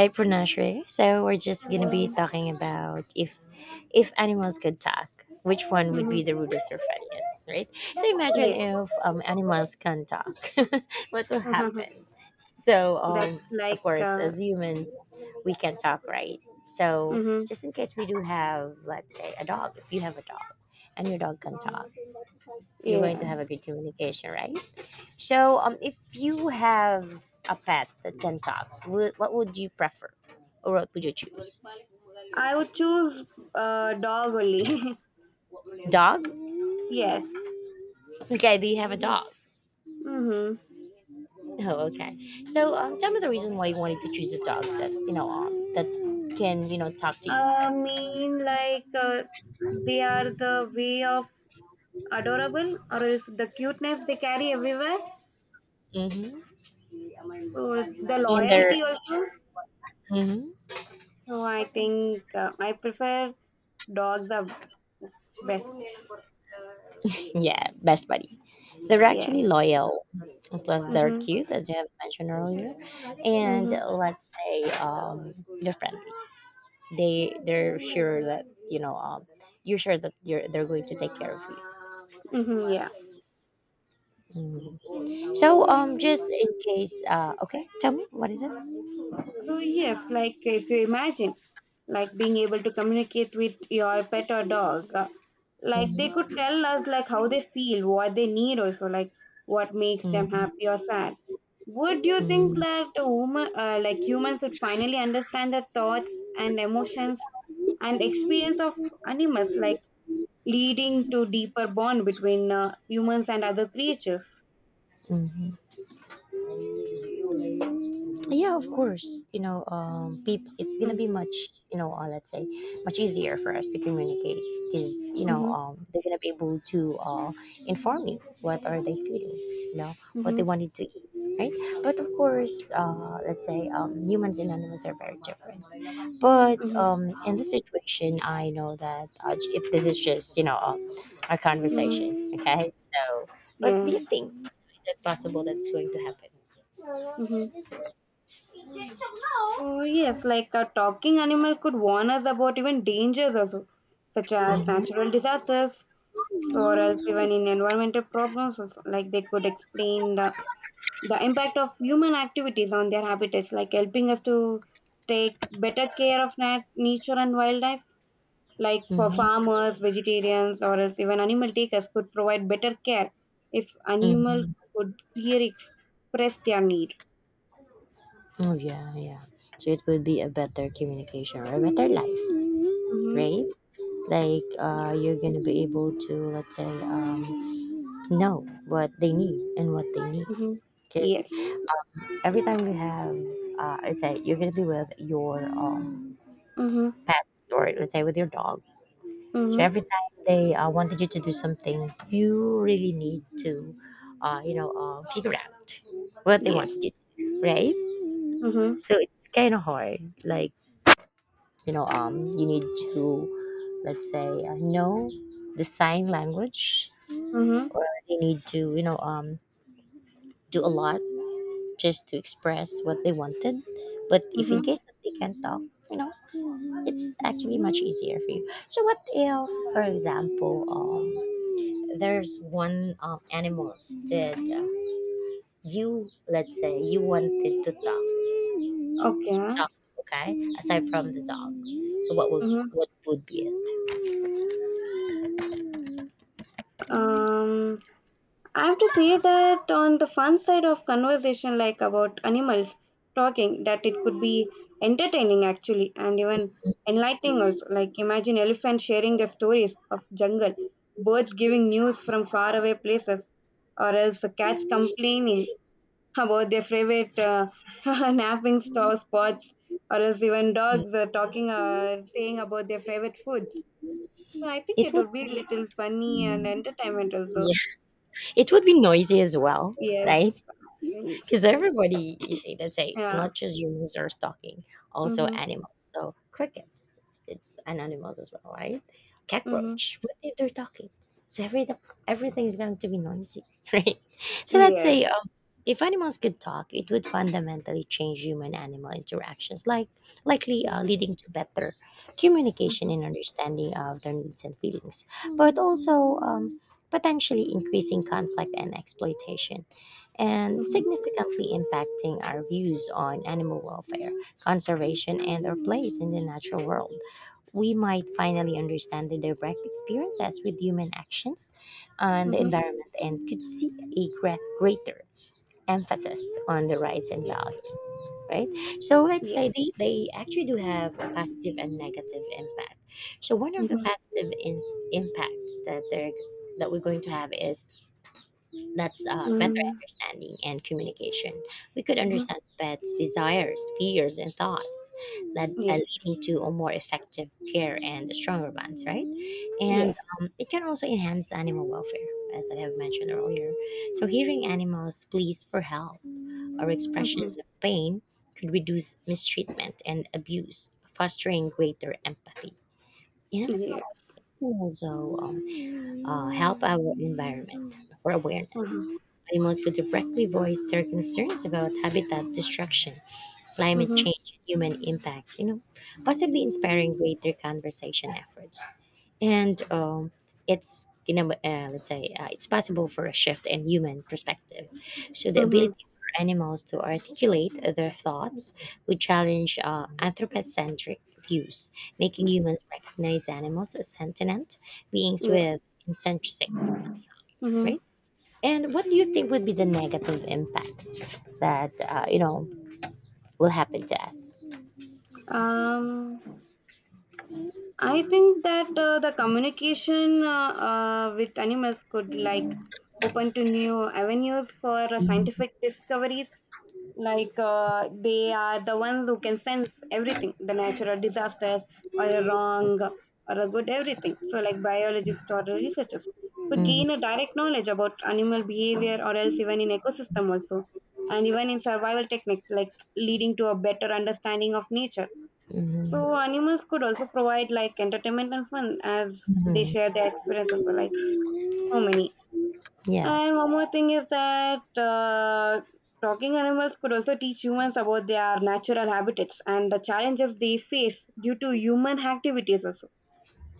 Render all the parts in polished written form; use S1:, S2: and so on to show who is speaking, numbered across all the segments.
S1: Hi, Pranasri. So we're just gonna be
S2: Uh,
S1: talking about if animals could talk, which one would
S2: hmm.
S1: be the rudest or funniest, right? So imagine
S2: Yeah,
S1: if animals can talk, what will
S2: that's
S1: happen? So of
S2: like,
S1: course, as humans, we can talk, right? So
S2: hmm,
S1: just in case we do have, let's say, a dog. If you have a dog and your dog can talk, you're going
S2: yeah.
S1: to have a good communication, right? So, if you have a pet that can talk, what would you prefer, or what would you choose?
S2: I would choose dog only.
S1: Dog?
S2: Yes.
S1: Okay, do you have a dog?
S2: Mm-hmm.
S1: Oh, okay. So, tell me the reason why you wanted to choose a dog that can talk to you.
S2: I mean, like, they are the way of adorable, or is the cuteness they carry everywhere,
S1: Mm-hmm.
S2: so the
S1: They're
S2: loyalty also.
S1: hmm
S2: So I think I prefer dogs are best.
S1: Yeah, best buddy. So they're
S2: Yeah.
S1: actually loyal, and plus they're
S2: Mm-hmm.
S1: cute, as you have mentioned earlier, and
S2: Mm-hmm.
S1: let's say they're friendly. They're sure that you're sure that you're they're going to take care of.
S2: Mm-hmm.
S1: Mhm. So
S2: Yeah.
S1: just in case okay, tell me what is it.
S2: So yes, like if you imagine, like being able to communicate with your pet or dog, like they
S1: Mhm,
S2: could tell us like how they feel, what they need, also like what makes them happy or sad. Would you think
S1: mhm,
S2: that the woman, like humans, would finally understand the thoughts and emotions and experience of animals, like leading to deeper bond between humans and other creatures?
S1: mhm. Yeah, of course, it's gonna
S2: Mm-hmm,
S1: be much let's say much easier for us to communicate because
S2: mm-hmm,
S1: they're gonna be able to inform you what are they feeling, you know what they
S2: mm-hmm,
S1: wanted to eat, right? But of course, let's say humans and animals are very different. But
S2: mm-hmm,
S1: in this situation, I know that if this is just a
S2: mm-hmm,
S1: conversation, okay. So, but do
S2: yeah,
S1: you think, is it possible that's going to happen?
S2: mm-hmm. Yes, like a talking animal could warn us about even dangers also, such as natural disasters or else even in environmental problems, also. Like they could explain the impact of human activities on their habitats, like helping us to take better care of nature and wildlife. Like for
S1: Hmm.
S2: farmers, vegetarians, or else even animal takers could provide better care if
S1: Hmm.
S2: animal
S1: Hmm.
S2: could clearly express their need.
S1: Oh yeah, yeah. So it would be a better communication or a better life,
S2: Mm-hmm.
S1: right? Like,
S2: Yeah.
S1: you're gonna be able to, let's say, know what they need and what they need.
S2: Mm-hmm.
S1: Because
S2: Yes.
S1: every time you have, let's say, you're gonna be with your,
S2: Mm-hmm.
S1: pets, or let's say with your dog, so
S2: Mm-hmm.
S1: every time they wanted you to do something, you really need to figure out what they
S2: Yes.
S1: wanted you to do, right?
S2: Mhm.
S1: So it's kind of hard. Like, you need to, let's say, know the sign language,
S2: Mhm.
S1: or you need to, do a lot just to express what they wanted. But if in
S2: Mhm.
S1: case that they can't talk, you know, it's actually much easier for you. So what if, for example, there's one animals that you, let's say, you wanted to talk,
S2: Okay.
S1: talk, okay? Aside from the dog, so
S2: Mhm.
S1: what would be it?
S2: Um, I have to say that on the fun side of conversation, like about animals talking, that it could be entertaining actually, and even enlightening also. Like imagine elephants sharing their stories of jungle, birds giving news from faraway places, or else cats complaining about their favorite napping store spots, or else even
S1: Mm.
S2: dogs talking, saying about their favorite foods. So I think
S1: It
S2: it
S1: would,
S2: would be a little funny and entertainment also.
S1: yeah, it would be noisy as well,
S2: Yes,
S1: right?
S2: actually.
S1: Because everybody, let's say,
S2: Yeah.
S1: not just humans are stalking, also
S2: Mm-hmm.
S1: animals. So crickets, it's an animals as well, right?
S2: Mm-hmm.
S1: Cockroach, what if they're talking? So everything is going to be noisy, right? So let's
S2: Yes.
S1: say, if animals could talk, it would fundamentally change human-animal interactions, likely leading to better communication
S2: Mm-hmm.
S1: and understanding of their needs and feelings, but also, potentially increasing conflict and exploitation, and
S2: Mm-hmm.
S1: significantly impacting our views on animal welfare, conservation, and our place in the natural world. We might finally understand the direct experiences with human actions on the
S2: Mm-hmm.
S1: environment, and could see a greater emphasis on the rights and
S2: Yes.
S1: value, right? So let's say
S2: Yes.
S1: they actually do have a positive and negative impact. So one of the
S2: Mm-hmm.
S1: positive impacts that they're that we're going to have is that's, better understanding and communication. We could
S2: Mm-hmm.
S1: understand pets' desires, fears, and thoughts, that
S2: Yes.
S1: leading to a more effective care and stronger bonds, right? And
S2: Yes.
S1: it can also enhance animal welfare, as I have mentioned earlier. So, hearing animals pleas for help or
S2: Mm-hmm.
S1: expressions of pain could reduce mistreatment and abuse, fostering greater empathy. And I
S2: Yes.
S1: can also, help our environment for awareness.
S2: Mm-hmm.
S1: Animals who directly voice their concerns about habitat destruction, climate
S2: Mm-hmm.
S1: change, and human impact, you know, possibly inspiring greater conversation efforts, and it's you know, let's say it's possible for a shift in human perspective. So the
S2: Mm-hmm.
S1: ability for animals to articulate their thoughts would challenge, anthropocentric views, making humans recognize animals as sentient beings
S2: Yeah.
S1: with insensate,
S2: Mm-hmm.
S1: right? And what do you think would be the negative impacts that, will happen to us?
S2: Um. I think that the communication with animals could like open to new avenues for scientific discoveries. Like they are the ones who can sense everything, the natural disasters or a wrong or a good everything. So like biologists or researchers could gain a
S1: Mhm,
S2: direct knowledge about animal behavior or else even in ecosystem also, and even in survival techniques like leading to a better understanding of nature,
S1: mhm,
S2: so animals could also provide like entertainment and fun as they
S1: mhm.
S2: share their experiences for like so many.
S1: Yeah.
S2: And one more thing is that talking animals could also teach humans about their natural habitats and the challenges they face due to human activities also.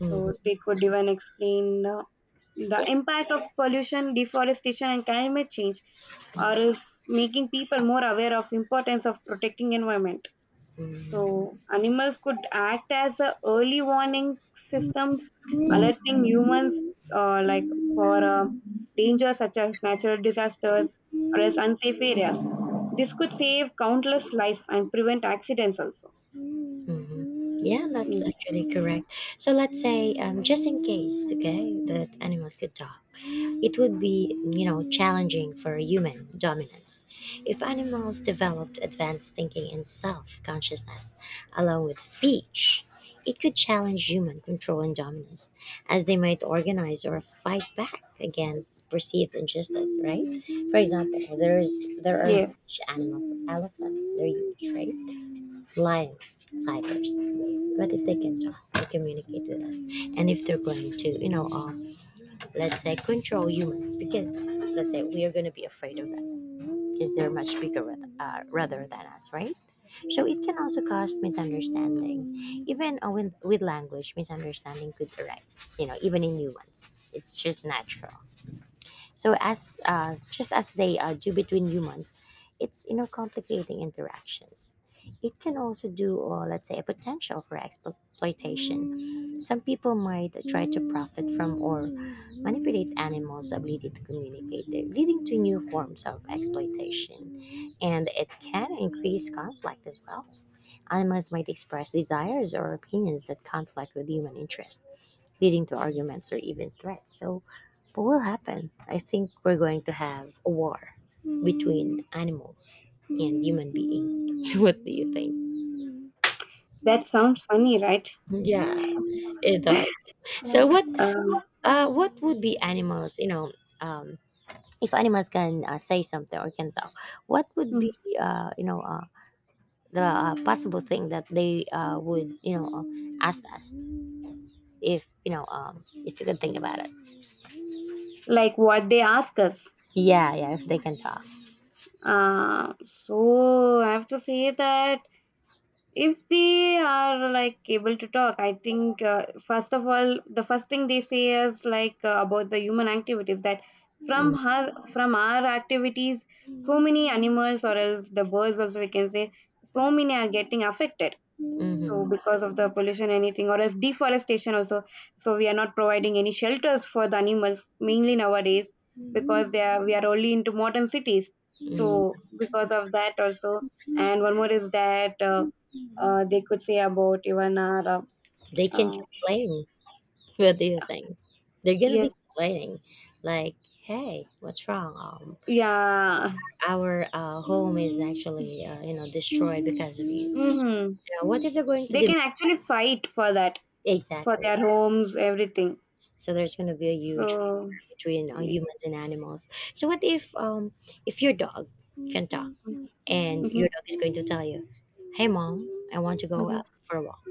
S1: Mhm.
S2: So they could even explain the
S1: Yeah.
S2: impact of pollution, deforestation, and climate change, or is making people more aware of importance of protecting environment.
S1: Mm,
S2: So animals could act as a early warning systems, alerting humans like for dangers such as natural disasters or as unsafe areas. This could save countless life and prevent accidents also.
S1: mhm. Yeah, that's
S2: Mm.
S1: actually correct. So let's say, just in case, okay, that animals could talk, it would be, you know, challenging for human dominance. If animals developed advanced thinking and self consciousness along with speech, it could challenge human control and dominance, as they might organize or fight back against perceived injustice, right? For example, there are
S2: Yeah,
S1: huge animals, elephants, they're huge, right? Lions, tigers. But if they can talk, they communicate with us. And if they're going to, you know, let's say control humans, because let's say we are going to be afraid of them because they're much bigger rather than us, right? So it can also cause misunderstanding. Even, with language, misunderstanding could arise, even in humans. It's just natural. So as, just as they, do between humans, it's, complicating interactions. It can also do, or let's say, a potential for exploitation. Some people might try to profit from or manipulate animals' ability to communicate, leading to new forms of exploitation. And it can increase conflict as well. Animals might express desires or opinions that conflict with human interests, leading to arguments or even threats. So, what will happen? I think we're going to have a war between animals and human beings. So, what do you think?
S2: that sounds funny, right?
S1: Yeah, it does. So,
S2: Um,
S1: what would be animals? Um, if animals can, say something or can talk, what would be,
S2: mm,
S1: uh, you know uh, the possible thing that they would, ask us, if if you can think about it?
S2: like what they ask us.
S1: Yeah, yeah, if they can talk.
S2: Uh, so I have to say that if they are like able to talk, I think first of all, the first thing they say is like about the human activities that from our activities, so
S1: Mm.
S2: many animals or else the birds also we can say so many are getting affected. So
S1: Hmm.
S2: because of the pollution, anything or else deforestation also. So we are not providing any shelters for the animals mainly nowadays
S1: Mm.
S2: because they are we are only into modern cities. So because of that also, and one more is that. They could say about even our
S1: They can
S2: uh,
S1: complain. What do you think? They're gonna be
S2: yes,
S1: complaining, like, "Hey, what's wrong?
S2: yeah,
S1: Our, home is actually, destroyed because of you.
S2: hmm,
S1: You know, what if they're going to
S2: they
S1: dem-.
S2: can actually fight for that, for
S1: Exactly?
S2: their homes, everything,
S1: So there's gonna be a
S2: so.
S1: huge war
S2: Mm-hmm,
S1: between, humans and animals. So what if your dog can talk, and your dog is going to tell you, "Hey, mom, I want to go
S2: mm-hmm,
S1: out for a walk.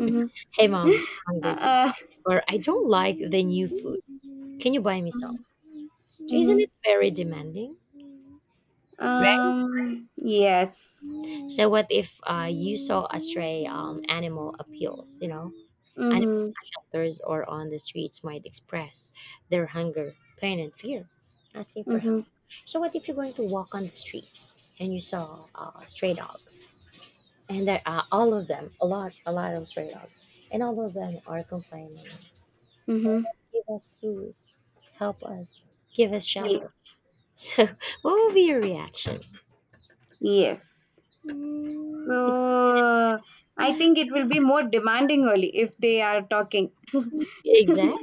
S2: mm-hmm.
S1: Hey, mom, I'm hungry.
S2: uh,
S1: Or I don't like the new food. Can you buy me some?" Isn't
S2: mm-hmm.
S1: it very demanding?
S2: Yes.
S1: Right? So what if, you saw a stray, animal appeals? Animal
S2: Mm-hmm,
S1: shelters or on the streets might express their hunger, pain, and fear, asking for help.
S2: mm-hmm,
S1: So what if you're going to walk on the street and you saw, stray dogs? And there are all of them, a lot of stray dogs. And all of them are complaining,
S2: mm-hmm.
S1: give us food, help us, give us
S2: Ye-
S1: shelter. So, what will be your reaction?
S2: yes
S1: It's
S2: so I think it will be more demanding only if they are talking. Mm-hmm,
S1: Exactly,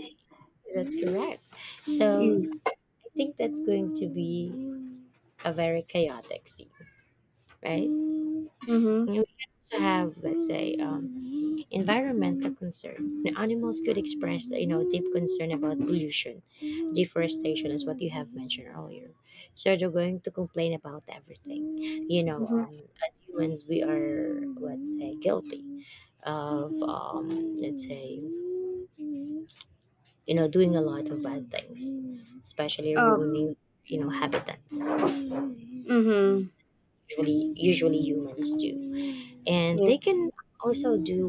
S1: that's correct. So, I think that's going to be a very chaotic scene, right? And
S2: mm-hmm.
S1: we can also have, let's say, environmental concern. The animals could express, deep concern about pollution, deforestation, is what you have mentioned earlier. So they're going to complain about everything. As humans, we are, let's say, guilty of, let's say, doing a lot of bad things, especially
S2: Oh,
S1: ruining, habitats.
S2: mm-hmm.
S1: Usually humans do, and
S2: Yes.
S1: they can also do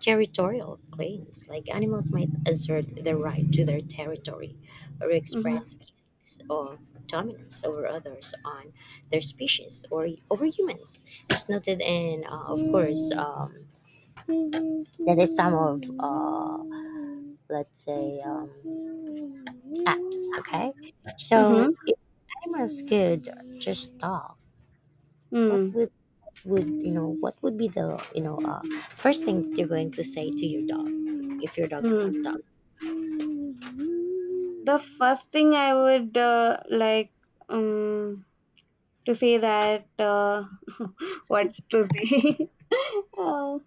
S1: territorial claims. Like animals might assert their right to their territory, or
S2: Mhm.
S1: express feelings of dominance over others on their species or over humans. It's noted, of course. That is some of, let's say, apps, okay. So
S2: Mhm.
S1: cameras could just talk. What
S2: Mm.
S1: Would you know? What would be the, first thing you're going to say to your dog if your dog
S2: Mm.
S1: can talk?
S2: The first thing I would like um to say that what to say. Uh,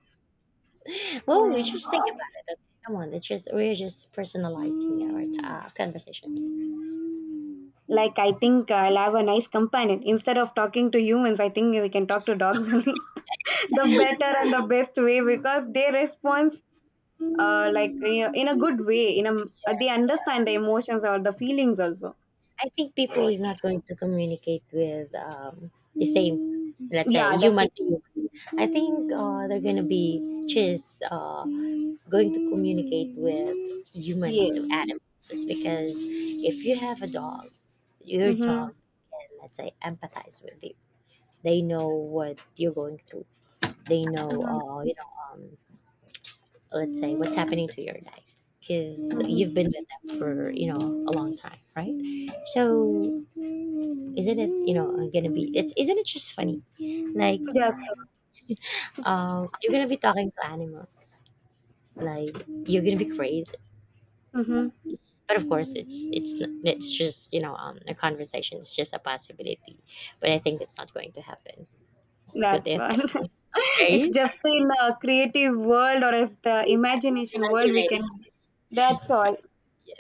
S1: Well, we just think about it. Okay, come on, it's just we're just personalizing our, conversation.
S2: like I think I'll have a nice companion instead of talking to humans. I think we can talk to dogs only, the better and the best way, because they respond like, in a good way. In a they understand the emotions or the feelings also.
S1: I think people is not going to communicate with, the same, let's say,
S2: Yeah, that's it.
S1: human to human. I think, they're gonna be just, going to communicate with humans
S2: Yeah.
S1: to animals. It's because if you have a dog, your
S2: Mhm.
S1: dog can, let's say, empathize with you. They know what you're going through. They know,
S2: Mhm.
S1: let's say, what's happening to your life, because
S2: Mhm.
S1: you've been with them for, a long time, right? So isn't it, gonna be... it's isn't it just funny, like
S2: Yes.
S1: you're gonna be talking to animals, like you're gonna be crazy. But of course, it's just, a conversation, it's just a possibility. But I think it's not going to happen. What do
S2: That's
S1: you...
S2: one. It's just in a creative world or as the imagination world we can.
S1: Imagination.
S2: That's all.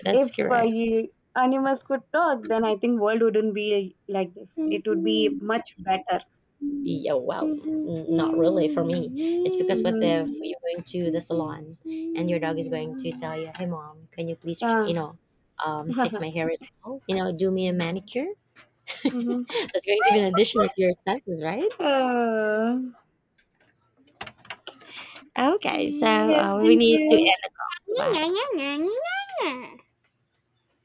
S1: That's
S2: If
S1: correct.
S2: you, animals could talk, then I think world wouldn't be like this. It would be much better.
S1: Yeah, well, not really for me. It's because what
S2: Mm-hmm.
S1: if you're going to the salon and your dog is going to tell you, "Hey, mom, can you please, you
S2: Yeah.
S1: know, um, fix my hair as well? Do me a manicure."
S2: Mm-hmm.
S1: That's going to be an addition to your expenses, right?
S2: Uh,
S1: Okay, so,
S2: yes.
S1: we
S2: Thank
S1: need to
S2: you.
S1: end at 5.